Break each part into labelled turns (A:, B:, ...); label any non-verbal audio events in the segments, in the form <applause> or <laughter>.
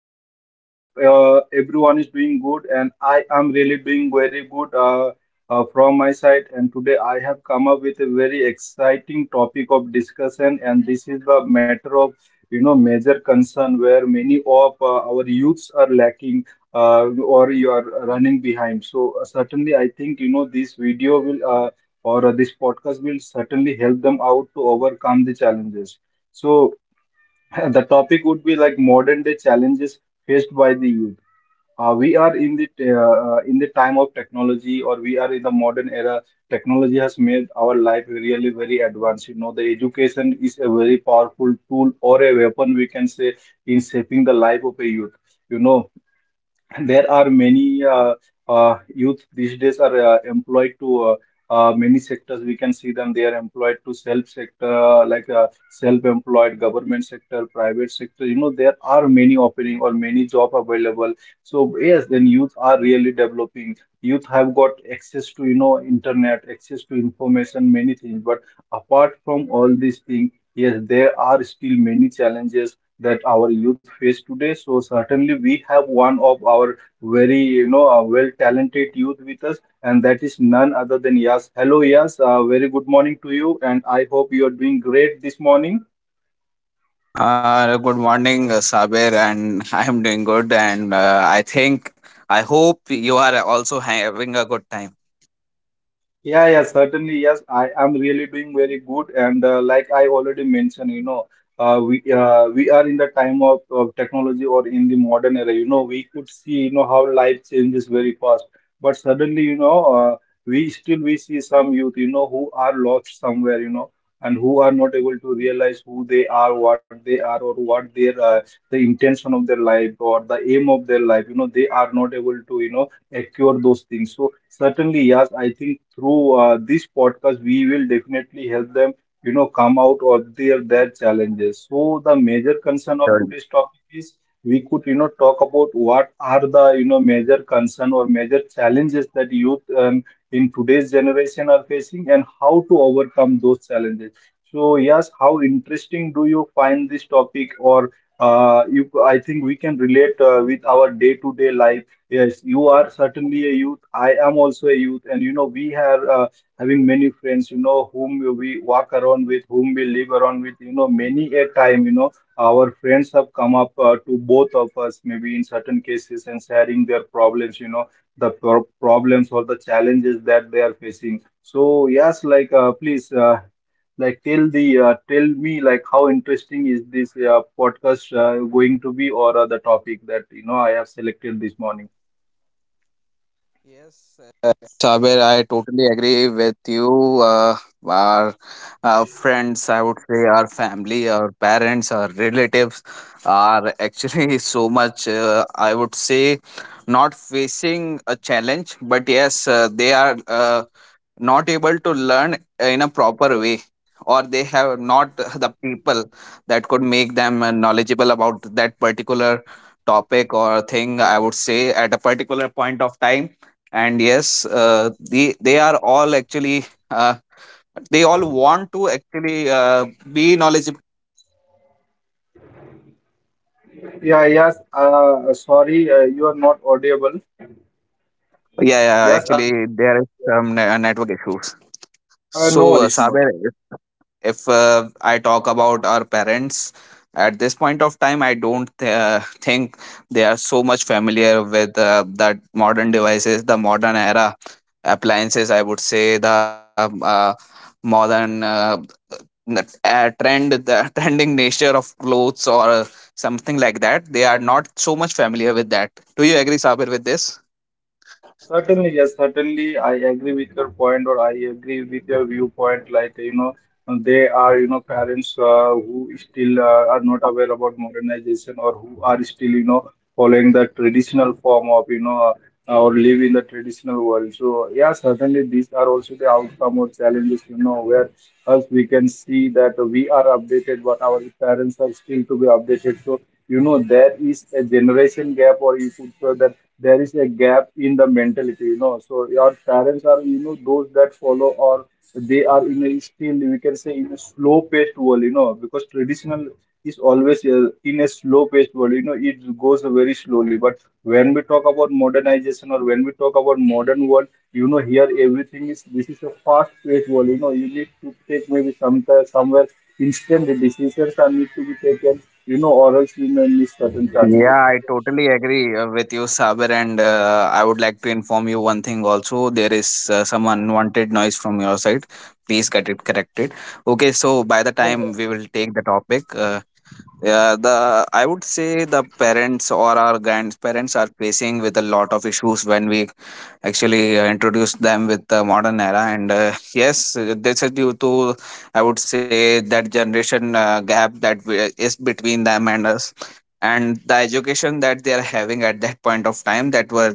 A: Viewers. I hope everyone is doing good, and I am really doing very good from my side. And today I have come up with a very exciting topic of discussion, and this is the matter of you know major concern where many of our youths are lacking uh, or you are running behind. So certainly, I think you know this video will or this podcast will certainly help them out to overcome the challenges. So. <laughs> The topic would be like modern day challenges faced by the youth. We are in the in the time of technology, or we are in the modern era. Technology has made our life really very advanced. You know, the education is a very powerful tool or a weapon we can say in shaping the life of a youth. You know, there are many youth these days are employed to many sectors. We can see them. They are employed to self sector, like self-employed, government sector, private sector. You know, there are many opening or many job available. So yes, then youth are really developing. Youth have got access to, you know, internet, access to information, many things. But apart from all these things, yes, there are still many challenges that our youth face today. So certainly we have one of our very you know well talented youth with us, and that is none other than Yas. Hello Yas, very good morning to you, and I hope you are doing great this morning.
B: Good morning, Sabir, and <laughs> I am doing good. And I think, I hope you are also having a good time.
A: Yeah, yeah, certainly. Yes, I am really doing very good. And like I already mentioned, you know, we are in the time of technology or in the modern era. You know, we could see, you know, how life changes very fast. But suddenly, you know, we still we see some youth, you know, who are lost somewhere, you know, and who are not able to realize who they are, what they are, or what their the intention of their life or the aim of their life. You know, they are not able to, you know acquire those things. So certainly, yes, I think through this podcast, we will definitely help them, you know, come out of their challenges. So the major
B: Yeah,
A: concern of
B: sure.
A: today's topic is we could, you know, talk about what are the, you know, major concern or major challenges that youth in today's generation are facing and how to overcome those challenges. So yes, how interesting do you find this topic or you, I think we can relate with our day-to-day life. Yes, you are certainly a youth. I am also a youth, and you know we are having many friends. You know whom we walk around with, whom we live around with. You know many a time, you know our friends have come up to both of us, maybe in certain cases, and sharing their problems. You know the problems or the challenges that they are facing. So yes, like please, like tell the tell me like how interesting is this podcast going to be or the topic that you know I have selected this morning.
B: uh, our friends, I would say our family, our parents, our relatives are actually <laughs> so much, I would say, not facing a challenge, but yes, they are not able to learn in a proper way, or they have not the people that could make them knowledgeable about that particular topic or thing, I would say, at a particular point of time. And yes, they are all actually, uh, they all want to actually be knowledgeable.
A: Yeah, yes. Sorry, you are not audible.
B: Yeah, yeah,
A: Yes,
B: actually, there is some network issues.
A: no
B: So,
A: worries, no.
B: Saber, if I talk about our parents at this point of time, I don't think they are so much familiar with that modern devices, the modern era appliances. I would say the modern n- trend, the <laughs> trending nature of clothes or something like that. They are not so much familiar with that. Do you agree, Sabir, with this?
A: Certainly, yes, certainly I agree with your point or I agree with your viewpoint. Like, you know, they are, you know, parents who still are not aware about modernization or who are still, you know, following the traditional form of, you know, or live in the traditional world. So, yeah, certainly these are also the outcome or challenges, you know, where us we can see that we are updated, but our parents are still to be updated. So, you know, there is a generation gap or you could say that there is a gap in the mentality you know so your parents are you know those that follow or they are in a still we can say in a slow paced world you know because traditional is always in a slow paced world you know it goes very slowly but when we talk about modernization or when we talk about modern world you know here everything is this is a fast paced world you know you need to take maybe some somewhere instant decisions are need to be taken you know or else you may miss certain chances.
B: Yeah, I totally agree with you, Saber. And I would like to inform you one thing also. There is some unwanted noise from your side. Please get it corrected. Okay, so by the time we will take the topic, yeah, the I would say the parents or our grandparents are facing with a lot of issues when we actually introduce them with the modern era. And yes, this is due to, I would say, that generation gap that we, is between them and us, and the education that they are having at that point of time that were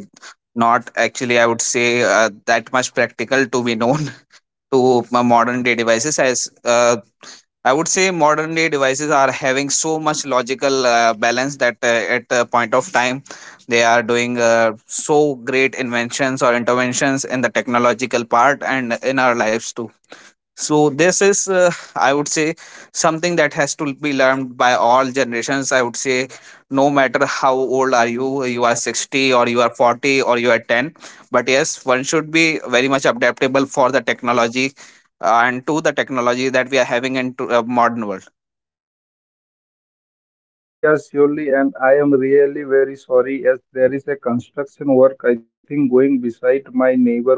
B: not actually, I would say, that much practical to be known <laughs> to my modern day devices. As I would say, modern day devices are having so much logical balance that at a point of time, they are doing so great inventions or interventions in the technological part and in our lives too. So this is I would say something that has to be learned by all generations, I would say. No matter how old are you, you are 60, or you are 40, or you are 10, but yes, one should be very much adaptable for the technology, and to the technology that we are having in to, modern world.
A: Surely, yes, surely, and I am really very sorry as there is a construction work I think going beside my neighborhood.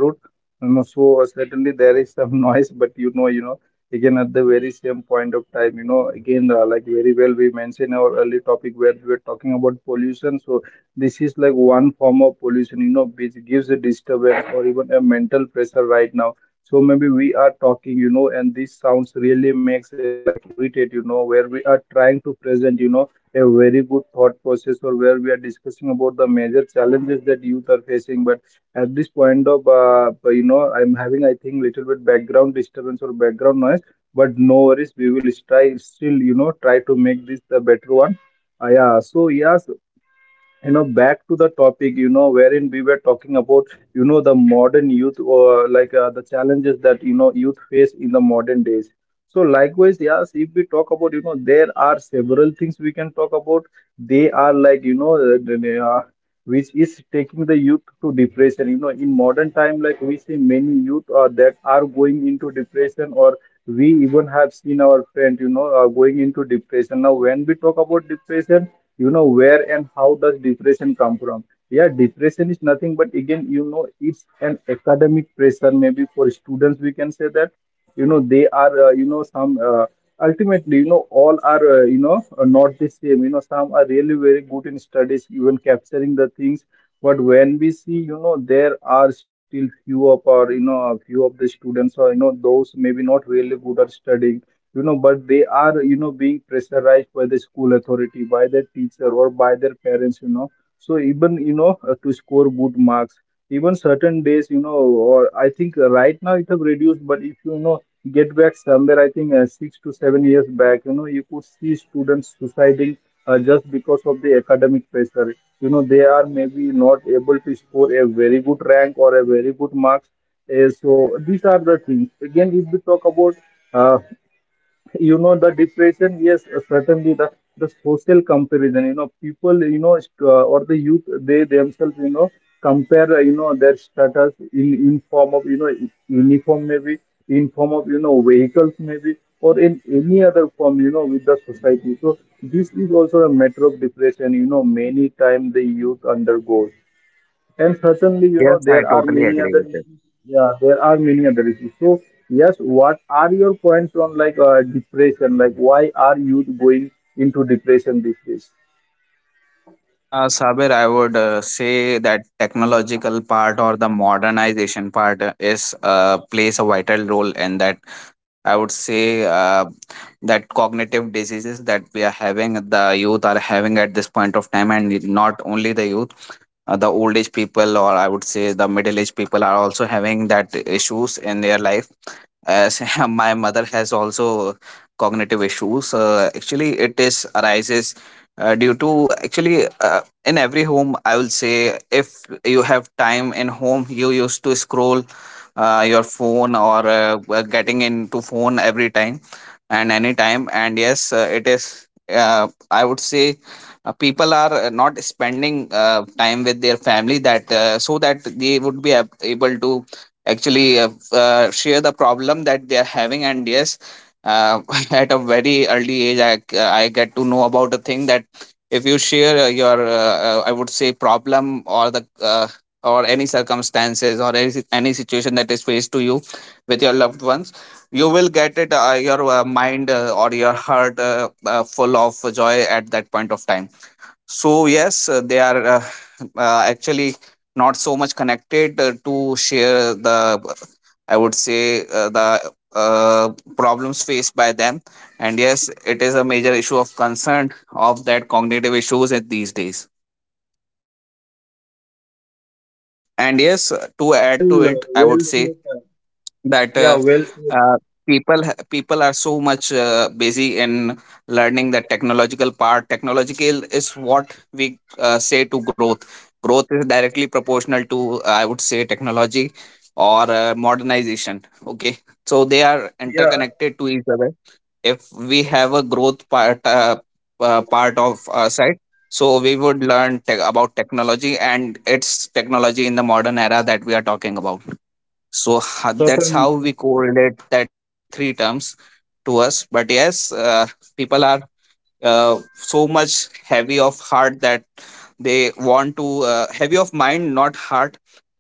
A: So certainly there is some <laughs> noise, but you know, again at the very same point of time, you know, again like very well we mentioned our early topic where we were talking about pollution. So this is like one form of pollution, you know, which gives a disturbance or even a mental pressure right now. So maybe we are talking, you know, and this sounds really makes like irritate, you know, where we are trying to present, you know a very good thought process or where we are discussing about the major challenges that youth are facing but at this point of you know I'm having I think little bit background disturbance or background noise but no worries we will try still you know try to make this the better one yeah so yes you know back to the topic you know wherein we were talking about you know the modern youth or like the challenges that you know youth face in the modern days so likewise yes if we talk about you know there are several things we can talk about they are like you know which is taking the youth to depression you know in modern time like we see many youth that are going into depression or we even have seen our friend you know going into depression. Now when we talk about depression you know where and how does depression come from, yeah depression is nothing but again you know it's an academic pressure maybe for students we can say that you know they are you know some ultimately you know all are you know not the same you know some are really very good in studies even capturing the things but when we see you know there are still few of our you know a few of the students or you know those maybe not really good at studying you know but they are you know being pressurized by the school authority by their teacher or by their parents you know so even you know to score good marks even certain days you know or I think right now it have reduced but if you know get back somewhere I think 6 to 7 years back you know you could see students suiciding just because of the academic pressure you know they are maybe not able to score a very good rank or a very good marks. So these are the things again if we talk about uh, you know the depression, yes certainly the social comparison you know people you know or the youth they themselves you know compare you know their status in form of you know uniform maybe in form of you know vehicles maybe or in any other form you know with the society so this is also a matter of depression you know many time the youth undergoes and certainly you know
B: Yes, I
A: there are
B: totally
A: many
B: agree
A: other
B: with this.
A: issues. Yeah there are many other issues so yes what are your points on like depression, like why are youth going into depression these days?
B: Sabir, I would say that technological part or the modernization part is plays a vital role in that. I would say that cognitive diseases that we are having, the youth are having at this point of time, and not only the youth, the old age people, or I would say the middle age people, are also having that issues in their life, as <laughs> my mother has also cognitive issues. Actually, it is arises due to actually, in every home, I will say, if you have time in home, you used to scroll your phone or were getting into phone every time and any time. And yes, it is I would say people are not spending time with their family, that so that they would be able to actually share the problem that they are having. And yes, uh, <laughs> at a very early age, I get to know about a thing that if you share your I would say problem, or the uh, or any circumstances, or any situation that is faced to you with your loved ones, you will get it your mind or your heart full of joy at that point of time. So yes, they are actually not so much connected to share the, I would say, the problems faced by them. And yes, it is a major issue of concern of that cognitive issues at these days. And yes, to add to
A: Well,
B: it, I would
A: well
B: say
A: said, sir.
B: that
A: Yeah, well said.
B: uh, people are so much busy in learning the technological part. Technological is what we say to growth. Growth is directly proportional to, I would say, technology or modernization, okay? So they are
A: Yeah,
B: interconnected to each other. If we have a growth part, part of our side, so we would learn about technology and its technology in the modern era that we are talking about. So that's
A: certain.
B: how we correlate that three terms to us. But yes, people are so much heavy of heart that they want to heavy of mind, not heart.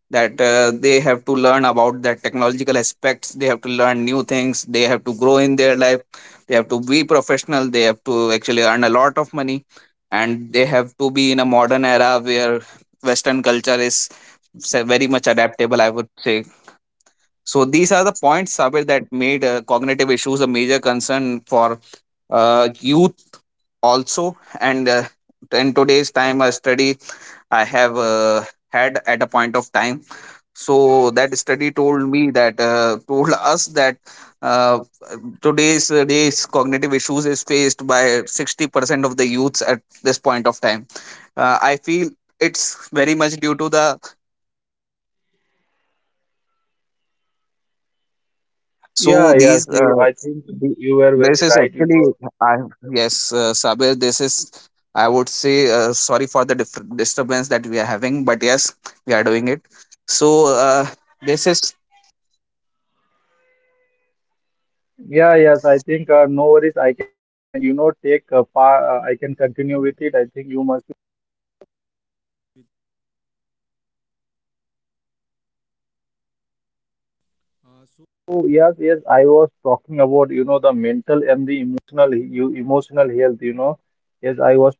B: That they have to learn about the technological aspects. They have to learn new things. They have to grow in their life. They have to be professional. They have to actually earn a lot of money, and they have to be in a modern era where Western culture is very much adaptable, I would say. So these are the points, Sabir, that made cognitive issues a major concern for youth also. And in today's time, a study I have had at a point of time. So that study told me that told us that uh, today's days cognitive issues is faced by 60% of the youths at this point of time. I feel it's very much due to the
A: Yeah,
B: So
A: yes, you. I think
B: the,
A: you were very
B: this is
A: right. You
B: actually
A: know.
B: I yes, Sabir, this is, I would say, sorry for the differ disturbance that we are having, but yes, we are doing it. So this is
A: Yeah, yes, I think no worries. I can, you know, take a part. I can continue with it. I think you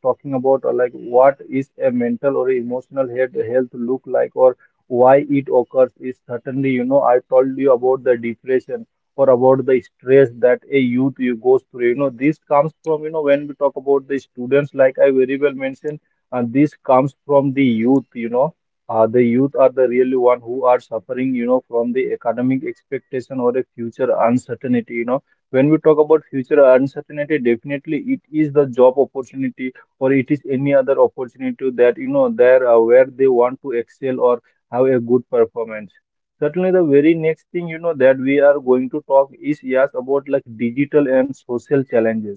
A: talking about like what is a mental or emotional health look like, or why it occurs is certainly, you know, I told you about the depression or about the stress that a youth you goes through, you know. This comes from, you know, when we talk about the students, like I very well mentioned, and this comes from the youth, you know. The youth are the really one who are suffering, you know, from the academic expectation or a future uncertainty, you know. When we talk about future uncertainty, definitely it is the job opportunity or it is any other opportunity that, you know, there where they want to excel or have a good performance. Certainly the very next thing, you know, that we are going to talk is yes about like digital and social challenges.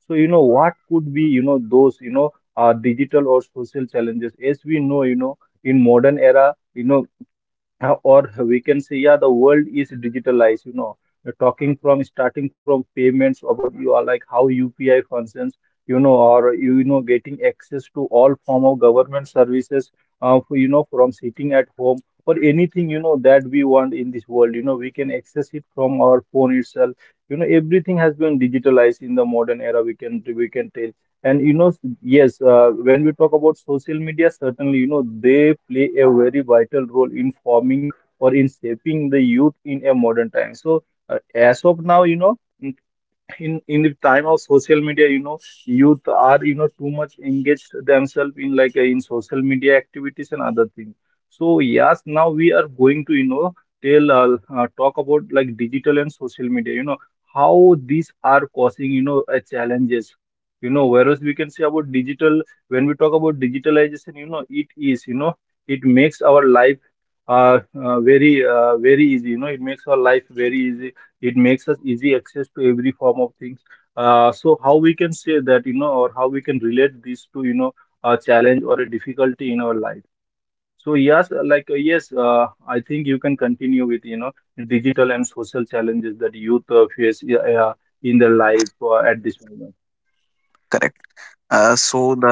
A: So, you know, what could be, you know, those, you know, digital or social challenges? As we know, you know, in modern era, you know, or we can say, yeah, the world is digitalized, you know. Talking from starting from payments, about you are like how UPI functions, you know, or, you know, getting access to all form of government services, for, you know, from sitting at home or anything, you know, that we want in this world, you know, we can access it from our phone itself, you know. Everything has been digitalized in the modern era, we can tell. And when we talk about social media, certainly, you know, they play a very vital role in forming or in shaping the youth in a modern time. So, as of now, you know, in the time of social media, you know, youth are, you know, too much engaged themselves in like in social media activities and other things. So yes, now we are going to, you know, tell talk about like digital and social media, you know, how these are causing, you know, challenges, you know. Whereas we can say about digital, when we talk about digitalization, you know, it is, you know, it makes our life very very easy, you know. It makes our life very easy. It makes us easy access to every form of things. So how we can say that, you know, or how we can relate this to, you know, a challenge or a difficulty in our life? So yes, like I think you can continue with, you know, digital and social challenges that youth face in their life at this moment.
B: Correct. So the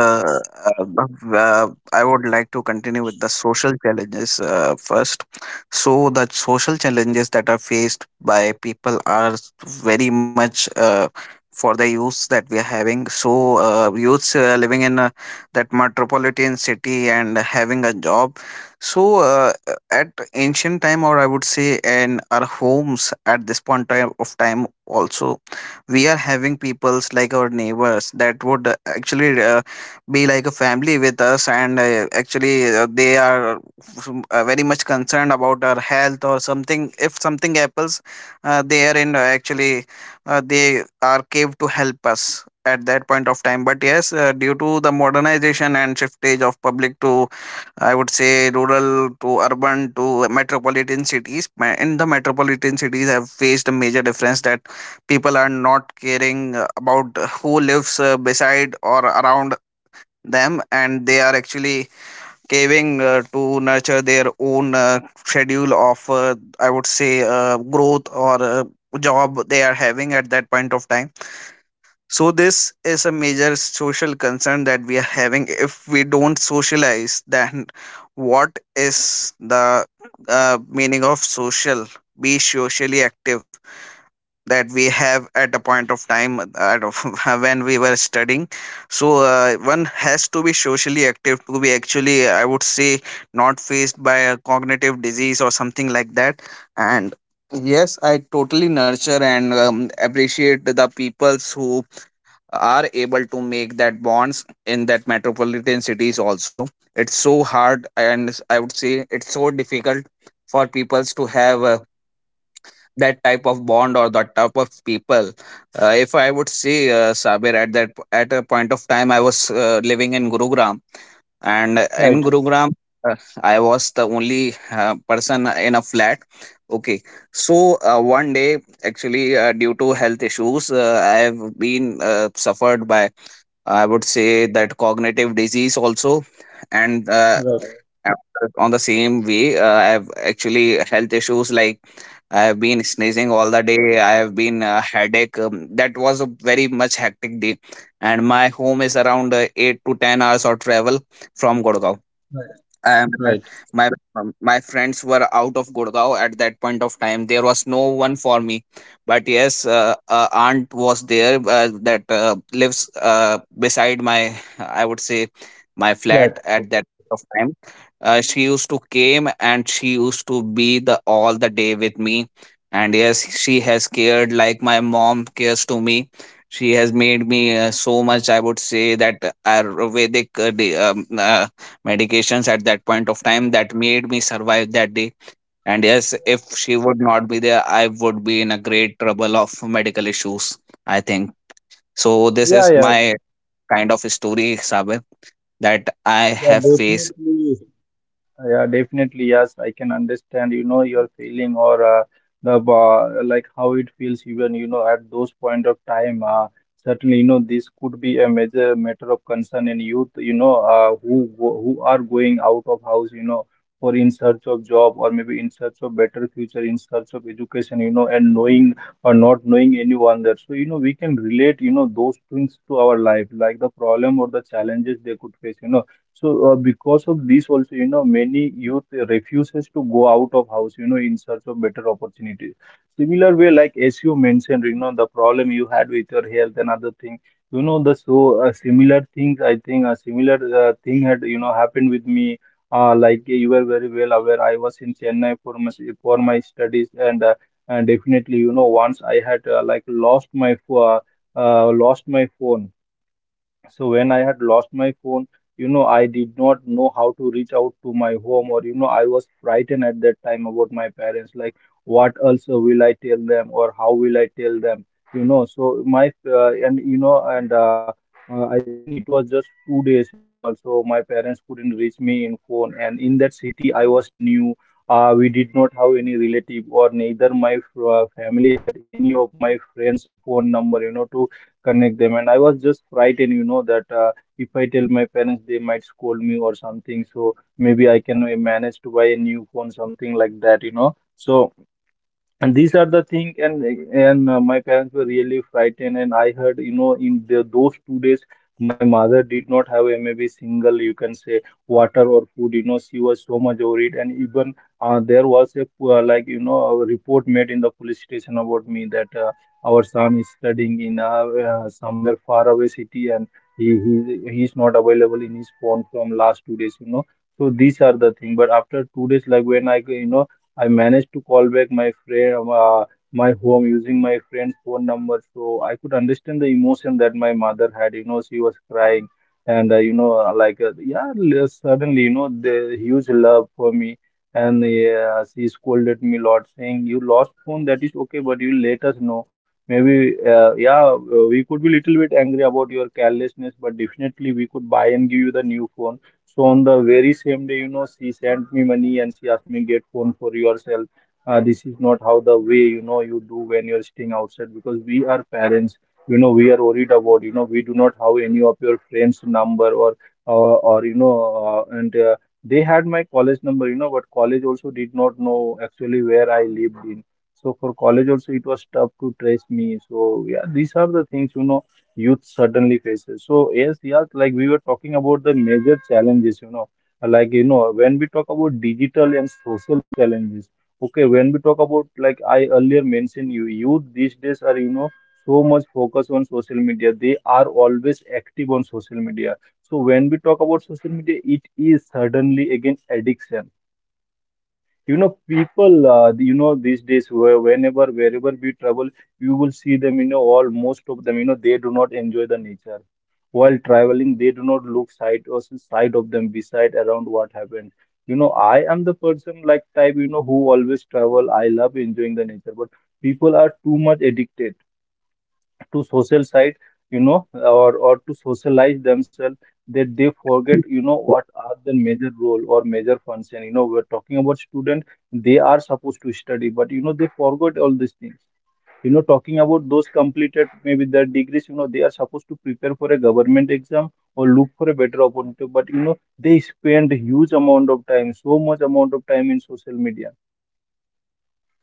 B: uh, the- uh, I would like to continue with the social challenges first. So the social challenges that are faced by people are very much for the youths that we are having. So youths living in that metropolitan city and having a job. So uh, at ancient time, or I would say in our homes at this point time of time also, we are having peoples like our neighbors that would actually be like a family with us, and actually they are very much concerned about our health or something if something happens. They are in actually they are cave to help us at that point of time. But yes, due to the modernization and shiftage of public to, I would say, rural to urban to metropolitan cities. In the metropolitan cities, have faced a major difference that people are not caring about who lives beside or around them, and they are actually caving to nurture their own schedule of I would say growth or job they are having at that point of time. So this is a major social concern that we are having. If we don't socialize, then what is the meaning of social, be socially active, that we have at a point of time at of <laughs> when we were studying. So one has to be socially active to be actually, I would say, not faced by a cognitive disease or something like that. And yes, I totally nurture and appreciate the peoples who are able to make that bonds in that metropolitan cities also. It's so hard, and I would say it's so difficult for peoples to have that type of bond or that type of people. If I would say, Sabir, at that at a point of time, I was living in Gurugram, and
A: Right,
B: in Gurugram, uh, I was the only person in a flat, okay? So one day, actually, due to health issues, I have been suffered by, I would say, that cognitive disease also. And
A: right,
B: uh, on the same way, I have actually health issues like I have been sneezing all the day, I have been headache, that was a very much hectic day. And my home is around 8 to 10 hours of travel from Gurgaon.
A: right,
B: And
A: right.
B: my my friends were out of Gurgaon at that point of time. There was no one for me, but yes, aunt was there that lives beside my, I would say, my
A: Right.
B: flat at that point of time. She used to came and she used to be the all the day with me, and yes, she has cared like my mom cares to me. She has made me so much, I would say, that Ayurvedic medications at that point of time that made me survive that day. And yes, if she would not be there, I would be in a great trouble of medical issues, I think. So, this
A: Yeah,
B: is
A: yeah,
B: my kind of story, Sabir, that I
A: yeah,
B: have faced.
A: definitely. Yeah, definitely. Yes, I can understand, you know, your feeling or the like how it feels even, you know, at those point of time. Certainly, you know, this could be a major matter of concern in youth, you know, who are going out of house, you know, for in search of job, or maybe in search of better future, in search of education, you know, and knowing or not knowing anyone there. So, you know, we can relate, you know, those things to our life, like the problem or the challenges they could face, you know. So because of this also, you know, many youth refuses to go out of house, you know, in search of better opportunities. Similar way, like as you mentioned, you know, the problem you had with your health and other thing, you know, the so similar things, I think a similar thing had, you know, happened with me. Like you were very well aware, I was in Chennai for my studies, and definitely, you know, once I had
B: Yes,
A: like
B: certainly,
A: lost
B: sir.
A: lost my phone. So when I had lost my phone, you know, I did not know how to reach out to my home, or, you know, I was frightened at that time about my parents, like what else will I tell them, or how will I tell them, you know. So my and you know, and I think it was just 2 days, you know. So my parents couldn't reach me in phone, and in that city I was new. We did not have any relative, or neither my family had any of my friends' phone number, you know, to connect them. And I was just frightened, you know, that if I tell my parents, they might scold me or something. So maybe I can manage to buy a new phone, something like that, you know. So and these are the thing and my parents were really frightened, and I heard, you know, in the, those 2 days my mother did not have a maybe single, you can say, water or food, you know. She was so much worried, and even there was a like, you know, a report made in the police station about me, that our son is studying in somewhere far away city, and he's not available in his phone from last 2 days, you know. So these are the thing, but after 2 days, like when I, you know, I managed to call back my friend, my home, using my friend's phone number. So I could understand the emotion that my mother had. You know, she was crying, and you know, like yeah, l- suddenly, you know, the huge love for me. And yeah, she scolded me a lot, saying, "You lost phone. That is okay, but you let us know. Maybe, yeah, we could be little bit angry about your carelessness, but definitely we could buy and give you the new phone." So on the very same day, you know, she sent me money and she asked me get phone for yourself. This is not how the way, you know, you do when you're staying outside, because we are parents. You know, we are worried about, you know, we do not have any of your friends' number, or or, you know, and they had my college number. You know, but college also did not know actually where I lived in. So for college
B: Yes,
A: also it was tough to trace me. So yeah, these are the things, you know, youth certainly faces. So yes, yes, like we were talking about the major challenges, you know, like, you know, when we talk about digital and social challenges, okay, when we talk about, like I earlier mentioned you, youth these days are, you know, so much focus on social media. They are always active on social media. So when we talk about social media, it is certainly again addiction, you know. People you know, these days, where whenever, wherever we travel, you will see them, you know, all most of them, you know, they do not enjoy the nature. While traveling they do not look side, or side of them, beside, around, what happened, you know. I am the person like type, you know, who always travel. I love enjoying the nature, but people are too much addicted to social side, you know, or to socialize themselves, that they forget, you know, what are the major role or major function. You know, we're talking about student. They are supposed to study, but you know, they forgot all these things, you know. Talking about those completed maybe their degrees, you know, they are supposed to prepare for a government exam or look for a better opportunity, but you know, they spend huge amount of time, so much amount of time in social media.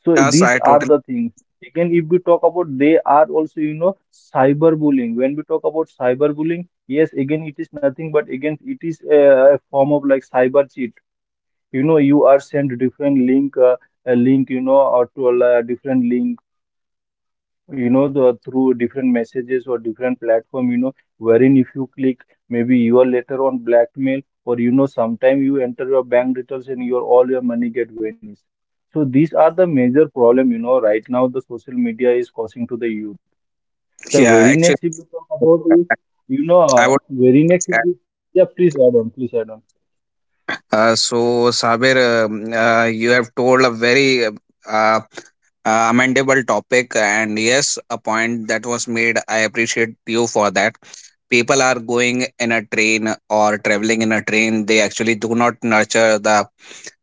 A: So
B: yes,
A: these
B: I
A: are
B: totally.
A: the things. Second, if we talk about, they are also, you know, cyberbullying. When we talk about cyberbullying, yes, again, it is nothing but again, it is a form of like cyber cheat. You know, you are sent different link, a link, you know, or to a different link, you know, the through different messages or different platform, you know, wherein if you click, maybe you are later on blackmail, or, you know, sometime you enter your bank details and your all your money get vanished. So these are the major problem, you know, right now the social media is causing to the youth. The
B: Yeah,
A: very
B: actually,
A: next if you talk about is, you know,
B: I would.
A: very next if you, yeah please add on, please add on.
B: Uh, so, Sabir, you have told a very uh, amendable topic, and yes, a point that was made, I appreciate you for that. People are going in a train or traveling in a train. They actually do not nurture the,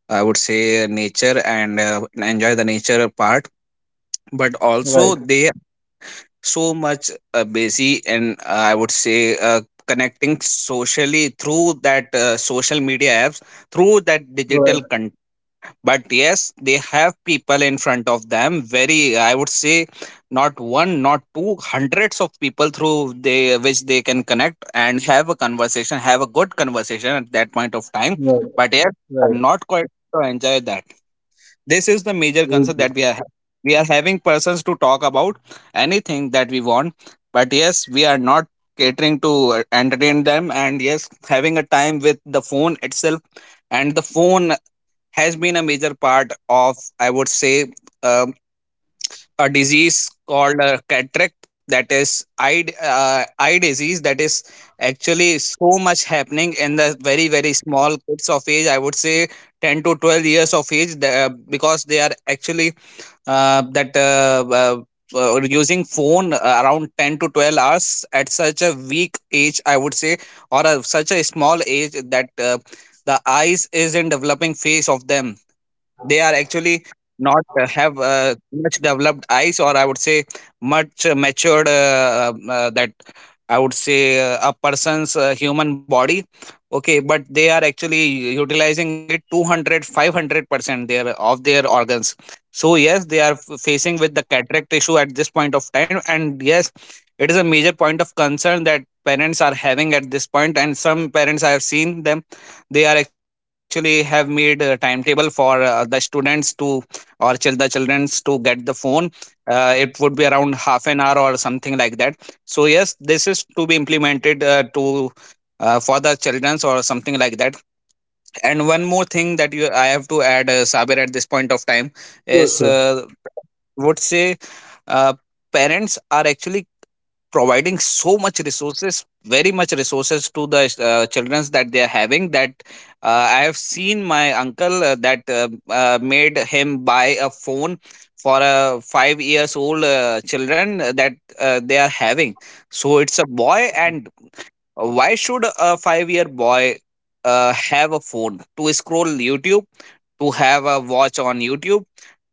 B: I would say, nature and enjoy the nature part. But also
A: Right,
B: they so much busy and, I would say, connecting socially through that social media apps, through that digital
A: right,
B: content. But yes, they have people in front of them, very, I would say, not one, not two, hundreds of people through they which they can connect and have a conversation, have a good conversation at that point of time.
A: right,
B: But yes, are
A: right.
B: not quite to enjoy that. This is the major concern that
A: Okay.
B: we are having persons to talk about anything that we want. But yes, we are not catering to entertain them, and yes, having a time with the phone itself. And the phone has been a major part of, I would say, um, a disease called cataract, that is eye disease, that is actually so much happening in the very, very small kids of age, I would say 10 to 12 years of age, because they are actually that. Using phone around 10 to 12 hours at such a weak age, I would say, or a, such a small age, that the eyes is in developing phase of them. They are actually not have much developed eyes, or I would say much matured, that, I would say, a person's human body. Okay, but they are actually utilizing it 200, 500% their of their organs. So yes, they are facing with the cataract issue at this point of time, and yes, it is a major point of concern that parents are having at this point. And some parents I have seen them, they are actually have made a timetable for the students to or the childrens to get the phone. It would be around half an hour or something like that. So yes, this is to be implemented, to for the childrens or something like that. And one more thing that you I have to add, Sabir, at this point of time is,
A: Sure, sure.
B: would say, uh, parents are actually providing so much resources, very much resources, to the children that they are having. That I have seen my uncle, that made him buy a phone for a 5 years old children that they are having. So it's a boy. And why should a 5 year boy have a phone to scroll YouTube, to have a watch on YouTube,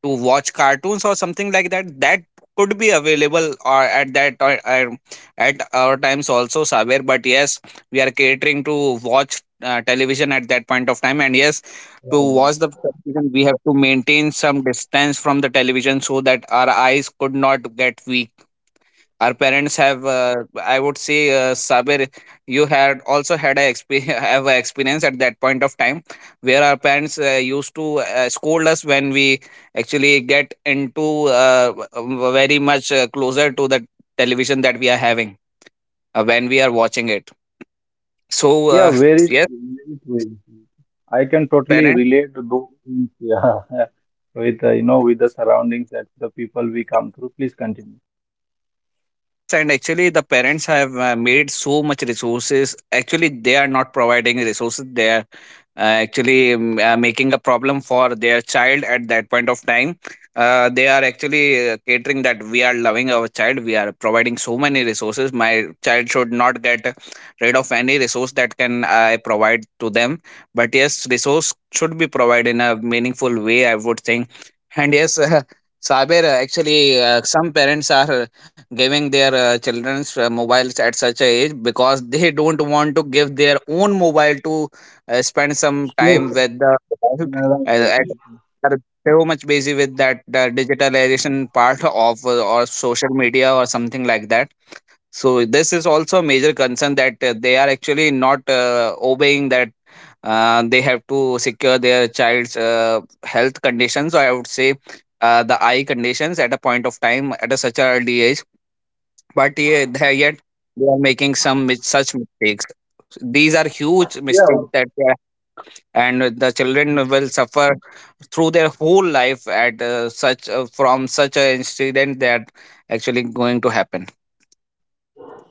B: to watch cartoons or something like that? That could be available or at our times also, Saber. But yes, we are catering to watch television at that point of time, and yes, to
A: Right.
B: watch the television, we have to maintain some distance from the television so that our eyes could not get weak. Our parents have, I would say, Sabir, you had also had <laughs> have a experience at that point of time, where our parents used to scold us when we actually get into uh, w- very much closer to the television that we are having when we are watching it. So
A: Yeah, very,
B: <laughs> yes,
A: very true. I can totally
B: parents.
A: relate to those things. <laughs> Yeah, with you know, with the surroundings that the people we come through. Please continue.
B: Yes, and actually, the parents have made so much resources. Actually, they are not providing resources. They are actually making a problem for their child at that point of time. They are actually catering that we are loving our child. We are providing so many resources. My child should not get rid of any resource that can I provide to them. But yes, resource should be provided in a meaningful way, I would think, and yes. <laughs> Saber, actually, some parents are giving their children's mobiles at such a age because they don't want to give their own mobile to spend some
A: Yes.
B: time with the mobile.
A: Yeah, right, right,
B: Uh,
A: right,
B: at-
A: right.
B: are so much busy with that the digitalization part of or social media or something like that. So this is also a major concern that they are actually not obeying that they have to secure their child's health conditions, or I would say the eye conditions at a point of time at a such early age. But yeah, yet they are making such mistakes. These are huge mistakes
A: Yeah.
B: that they are, and the children will suffer through their whole life at such from such an incident that actually going to happen.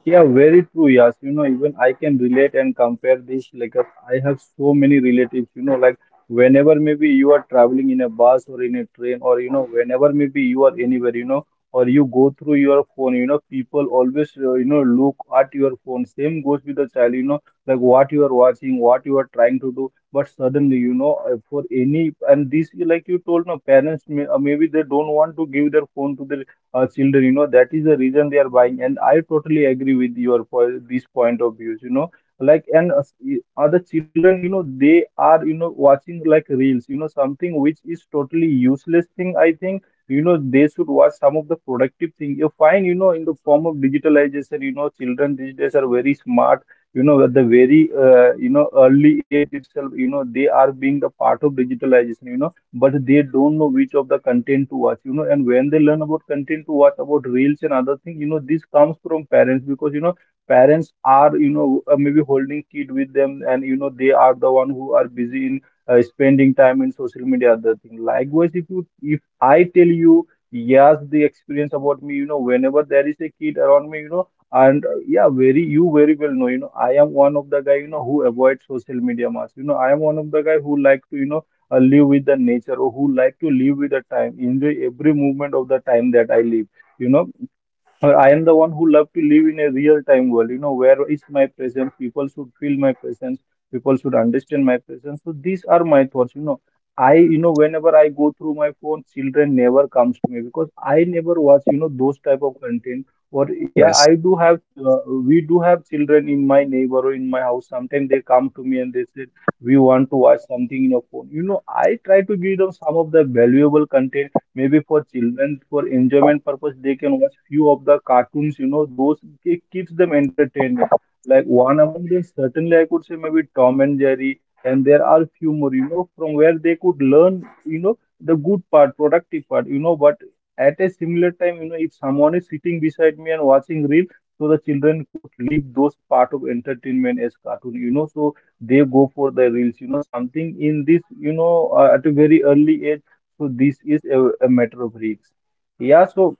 A: Yeah, very true, Yash. You know, even I can relate and compare this. Like, I have so many relatives, you know, like whenever maybe you are traveling in a bus or in a train, or, you know, whenever maybe you are anywhere, you know, or you go through your phone, you know, people always, you know, look at your phone. Same goes with the child, you know, like what you are watching, what you are trying to do. But suddenly, you know, for any, and this, like you told, no, parents may, maybe they don't want to give their phone to their children, you know, that is the reason they are buying, and I totally agree with your point, this point of views, you know, like other children, you know, they are, you know, watching like reels, you know, something which is totally useless thing. I think, you know, they should watch some of the productive thing you find, you know, in the form of digitalization. You know, children these days are very smart, you know, at the very you know early age itself, you know, they are being the part of digitalization, you know. But they don't know which of the content to watch, you know. And when they learn about content to watch about reels and other thing, you know, this comes from parents because, you know, parents are, you know, maybe holding kid with them, and you know, they are the one who are busy in spending time in social media, other thing. Likewise, if you, if I tell you, yes, the experience about me, you know, whenever there is a kid around me, you know, and yeah, very, you very well know, you know, I am one of the guy, you know, who avoids social media much. You know, I am one of the guy who like to, you know, live with the nature, or who like to live with the time, enjoy every moment of the time that I live, you know. Or I am the one who love to live in a real time world, you know, where is my presence? People should feel my presence. People should understand my presence. So these are my thoughts, you know. I, you know, whenever I go through my phone, children never comes to me because I never watch, you know, those type of content. Or yeah,
B: Yes,
A: I do have, we do have children in my neighbor or in my house. Sometimes they come to me and they said, we want to watch something in your phone. You know, I try to give them some of the valuable content. Maybe for children, for enjoyment purpose they can watch few of the cartoons, you know, those, it keeps them entertaining, like one among them. Certainly I could say maybe Tom and Jerry, and there are few more, you know, from where they could learn, you know, the good part, productive part, you know. But at a similar time, you know, if someone is sitting beside me and watching reel, so the children could leave those part of entertainment as cartoon, you know, so they go for the reels, you know, something in this, you know, at a very early age. So this is a matter of risks. Yeah, so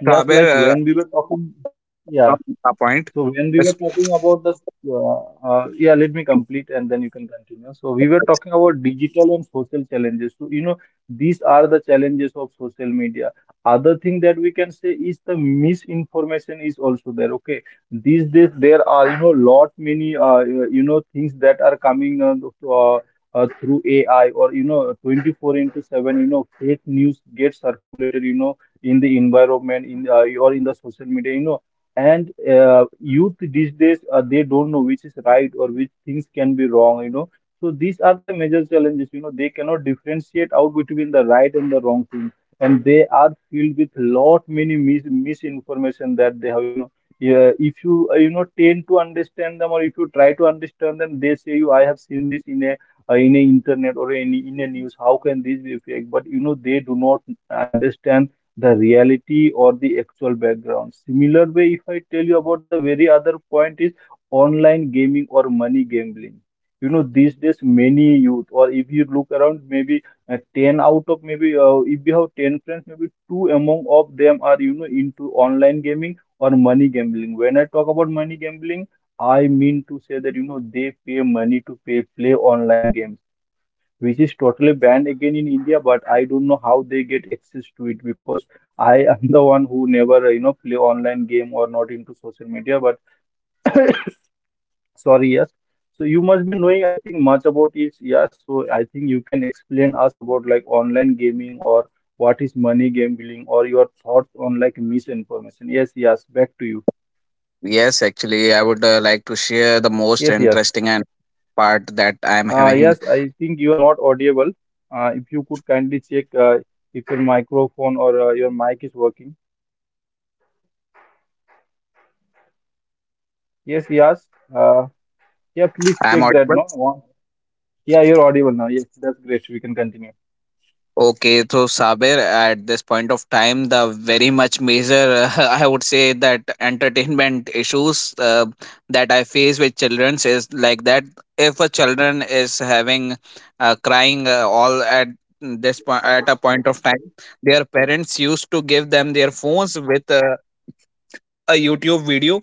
A: yes,
B: Sabir,
A: like when we were talking,
B: from a
A: yeah,
B: point.
A: so
B: Yes,
A: when we were talking about the, yeah, let me complete and then you can continue. So we were talking about digital and social challenges. So, you know, these are the challenges of social media. Other thing that we can say is the misinformation is also there. Okay. These days there are, you know, lot many, you know, things that are coming uh, through AI or, you know, 24/7, you know, fake news gets circulated, you know, in the environment, in or in the social media, you know, and youth these days, they don't know which is right or which things can be wrong, you know. So these are the major challenges, you know, they cannot differentiate out between the right and the wrong thing, and they are filled with lot many misinformation that they have, you know. Yeah, if you, you know, tend to understand them, or if you try to understand them, they say, you, I have seen this in a internet or in a news, how can this be fake? But you know, they do not understand the reality or the actual background. Similar way, if I tell you about the very other point, is online gaming or money gambling. You know, these days many youth, or if you look around, maybe 10 out of maybe if you have 10 friends, maybe two among of them are, you know, into online gaming or money gambling. When I talk about money gambling, I mean to say that, you know, they pay money to pay play online games, which is totally banned again in India. But I don't know how they get access to it, because I am <laughs> the one who never, you know, play online game or not into social media. But sorry, yes. So you must be knowing, I think, much about it. Yes. So I think you can explain us about like online gaming, or what is money gambling, or your thoughts on like misinformation. Yes, yes. Back to you.
B: yes. Actually, I would like to share the most
A: Yes, yes.
B: interesting and part that I am having.
A: Yes, I think you are not audible. If you could kindly check if your microphone or your mic is working.
B: Hello, Sabir. I am audible.
A: Yes, yes. Uh, yeah, please
B: I am
A: check that.
B: audible.
A: No, one. Yeah, you're audible now. Yes, that's great. We can continue.
B: Okay, so Saber, at this point of time, the very much major, <laughs> I would say, that entertainment issues that I face with children is like that. If a children is having crying all at this point at a point of time, their parents used to give them their phones with a YouTube video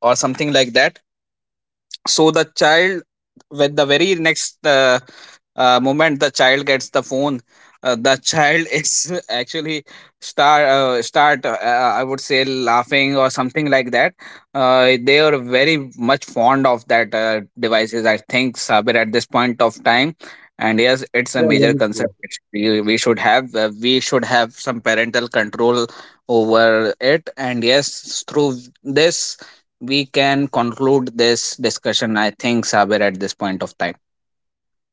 B: or something like that. So the child, with the very next moment the child gets the phone, the child <laughs> is actually start I would say, laughing or something like that. They are very much fond of that devices, I think, Sabir, at this point of time. And yes, it's a
A: Yeah,
B: major
A: very
B: concern.
A: true.
B: We should have, we should have some parental control over it. And yes, through this we can conclude this discussion, I think, Sabir, at this point of time.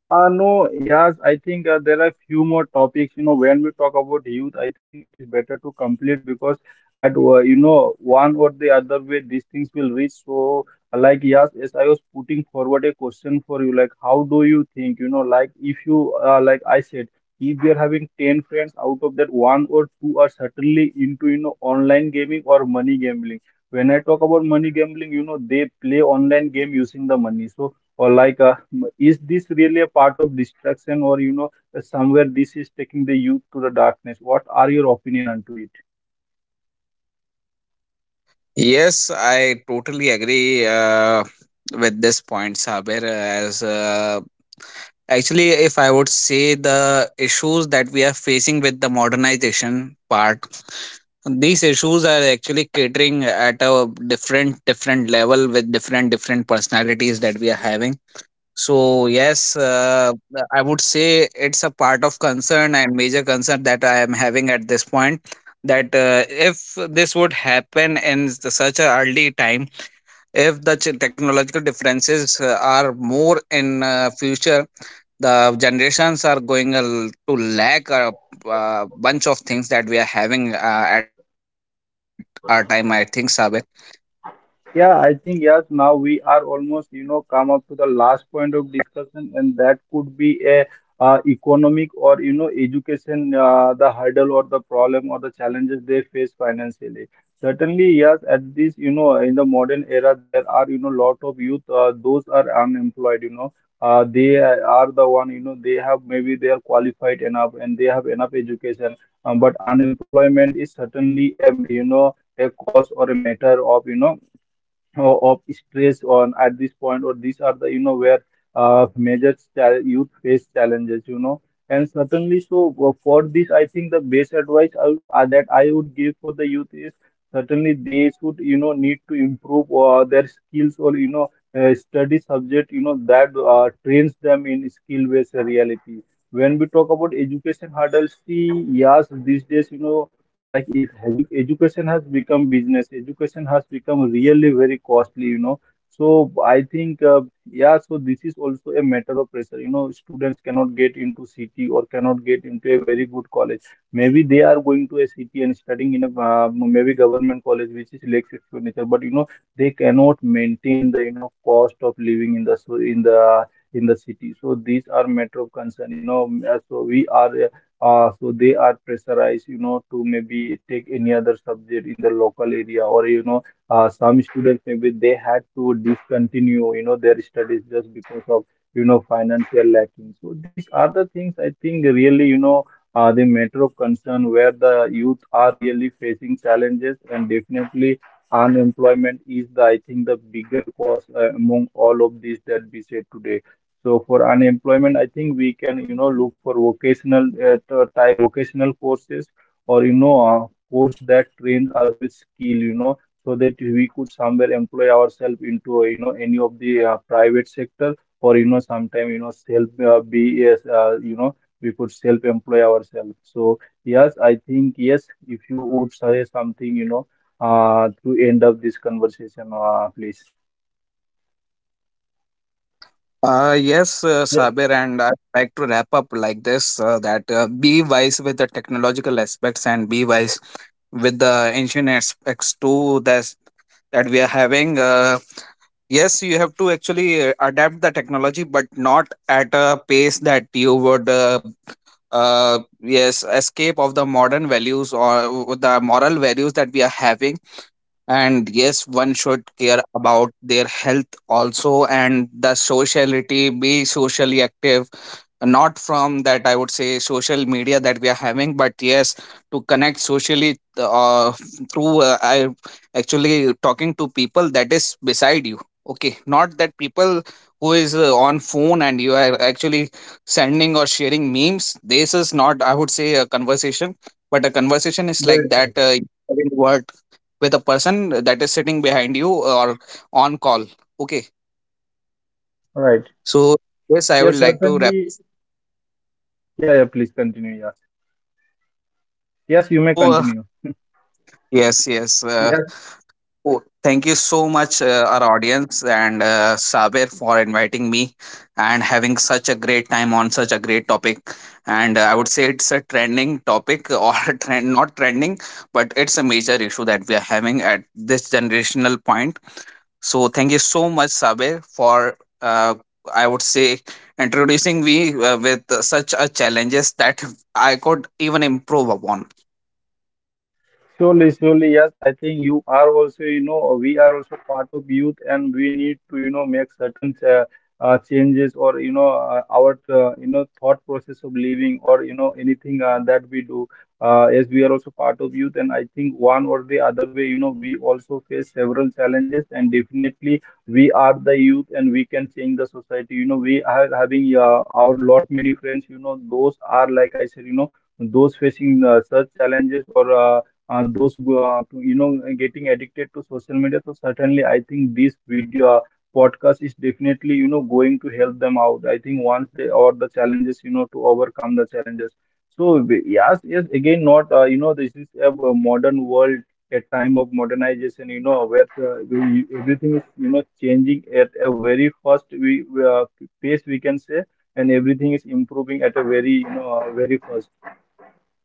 A: No, yes, I think there are few more topics. You know, when we talk about youth, I think it is better to complete because at you know one or the other way these things will reach. So, like yes, as I was putting forward a question for you, like how do you think? You know, like if you, like I said, if we are having 10 friends, out of that one or two are certainly into, you know, online gaming or money gambling. When I talk about money gambling, you know they play online game using the money. So or like is this really a part of distraction, or you know somewhere this is taking the youth to the darkness, what are your opinion onto it?
B: Yes, I totally agree with this point, Sabir. As Actually, if I would say, the issues that we are facing with the modernization part, these issues are actually catering at a different different level with different different personalities that we are having. So yes, I would say it's a part of concern and major concern that I am having at this point. That if this would happen in such a early time, if technological differences are more in future, the generations are going to lack a, uh, bunch of things that we are having at our time, I think, Sabe.
A: Yeah, I think yes, now we are almost, you know, come up to the last point of discussion, and that could be a economic, or, you know, education, the hurdle or the problem or the challenges they face financially. Certainly, yes, at this, you know, in the modern era, there are, you know, lot of youth, those are unemployed, you know, they are the one, you know, they have, maybe they are qualified enough and they have enough education, but unemployment is certainly, you know, a cause or a matter of, you know, of stress on at this point, or these are the, you know, where youth face challenges, you know, and certainly so for this I think the best advice that I would give for the youth is certainly they should, you know, need to improve their skills, or you know, study subject, you know, that trains them in skill based reality. When we talk about education hurdles, see, yes, these days, you know, like if education has become business, education has become really very costly, you know, so I think yeah, so this is also a matter of pressure, you know. Students cannot get into city or cannot get into a very good college. Maybe they are going to a city and studying in a, maybe government college, which is less expensive, but you know, they cannot maintain the, you know, cost of living in the, so in the city. So these are matter of concern, you know. Uh, so we are uh, so they are pressurized, you know, to maybe take any other subject in the local area, or you know, some students, maybe they had to discontinue, you know, their studies just because of, you know, financial lacking. So these are the things I think really, you know, the matter of concern where the youth are really facing challenges, and definitely unemployment is the, I think, the bigger cause among all of these that we said today. So for unemployment, I think we can, you know, look for vocational type vocational courses, or, you know, course that trains us with skill, you know, so that we could somewhere employ ourselves into, you know, any of the private sector, or, you know, sometime, you know, self be, as, you know, we could self-employ ourselves. So yes, I think yes, if you would suggest something, you know, to end up this conversation, please.
B: Yes,
A: Yeah,
B: Sabir, and I'd like to wrap up like this, that be wise with the technological aspects and be wise with the ancient aspects too, that's, that we are having. Yes, you have to actually adapt the technology, but not at a pace that you would. Yes, escape of the modern values or the moral values that we are having. And yes, one should care about their health also, and the sociality, be socially active, not from that, I would say, social media that we are having, but yes, to connect socially, through I actually talking to people that is beside you. Okay, not that people who is on phone and you are actually sending or sharing memes. This is not, I would say, a conversation. But a conversation is
A: very
B: like
A: true.
B: that, having word with a person that is sitting behind you or on call. Okay.
A: All right.
B: So yes, I
A: Yes,
B: would like to wrap.
A: certainly. Yeah, yeah, please continue. Yes. Yes, you may
B: so uh,
A: continue.
B: Yes, yes.
A: Yeah.
B: Oh, thank you so much, our audience, and Saber, for inviting me and having such a great time on such a great topic. And I would say, it's a trending topic, or <laughs> trend, not trending, but it's a major issue that we are having at this generational point. So thank you so much, Saber, for uh, I would say, introducing me with such a challenges that <laughs> I could even improve upon.
A: Surely, surely, yes. I think you are also, you know, we are also part of youth, and we need to, you know, make certain changes, or, you know, our, you know, thought process of living, or, you know, anything that we do. As we are also part of youth, and I think one or the other way, you know, we also face several challenges, and definitely we are the youth, and we can change the society. You know, we are having our lot many friends. You know, those are, like I said, you know, those facing such challenges or. Those who are, you know, getting addicted to social media. So certainly I think this video podcast is definitely, you know, going to help them out, I think, once they, or the challenges, you know, to overcome the challenges. So yes, yes, again, not you know, is a, modern world, a time of modernization, you know, where everything is, you know, changing at a very fast, pace, we can say. And everything is improving at a very, you know, very fast.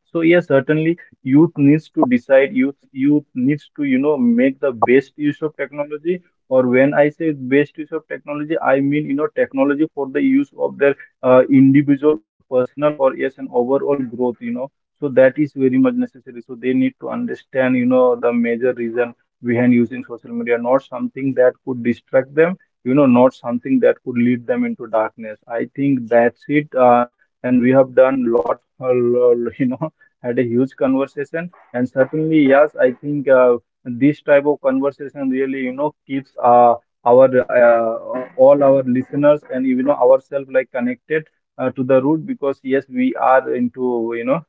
A: So yes, certainly youth needs to decide. Youth needs to, you know, make the best use of technology. Or when I say best use of technology, I mean, you know, technology for the use of their individual or personal or yes an overall growth. You know, so that is very much necessary. So they need to understand, you know, the major reason behind using social media, not something that could distract them. You know, not something that could lead them into darkness. I think that's it. And we have done lot, a lot, <laughs> you know, had a huge conversation, and certainly yes, I think this type of conversation really, you know, keeps our uh, all our listeners and even ourselves like connected to the root, because yes, we are into, you know,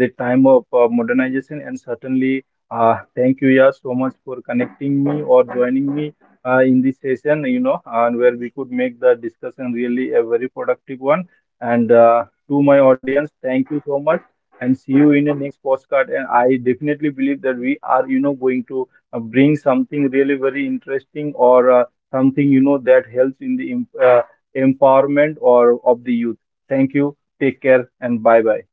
A: the time of modernization. And certainly thank you, yeah, so much for connecting me or joining me in this session, you know, and where we could make the discussion really a very productive one. And to my audience, thank you so much, and see you in the next postcard. And I definitely believe that we are, you know, going to bring something really very interesting, or something, you know, that helps in the empowerment or of the youth. Thank you. Take care and bye bye.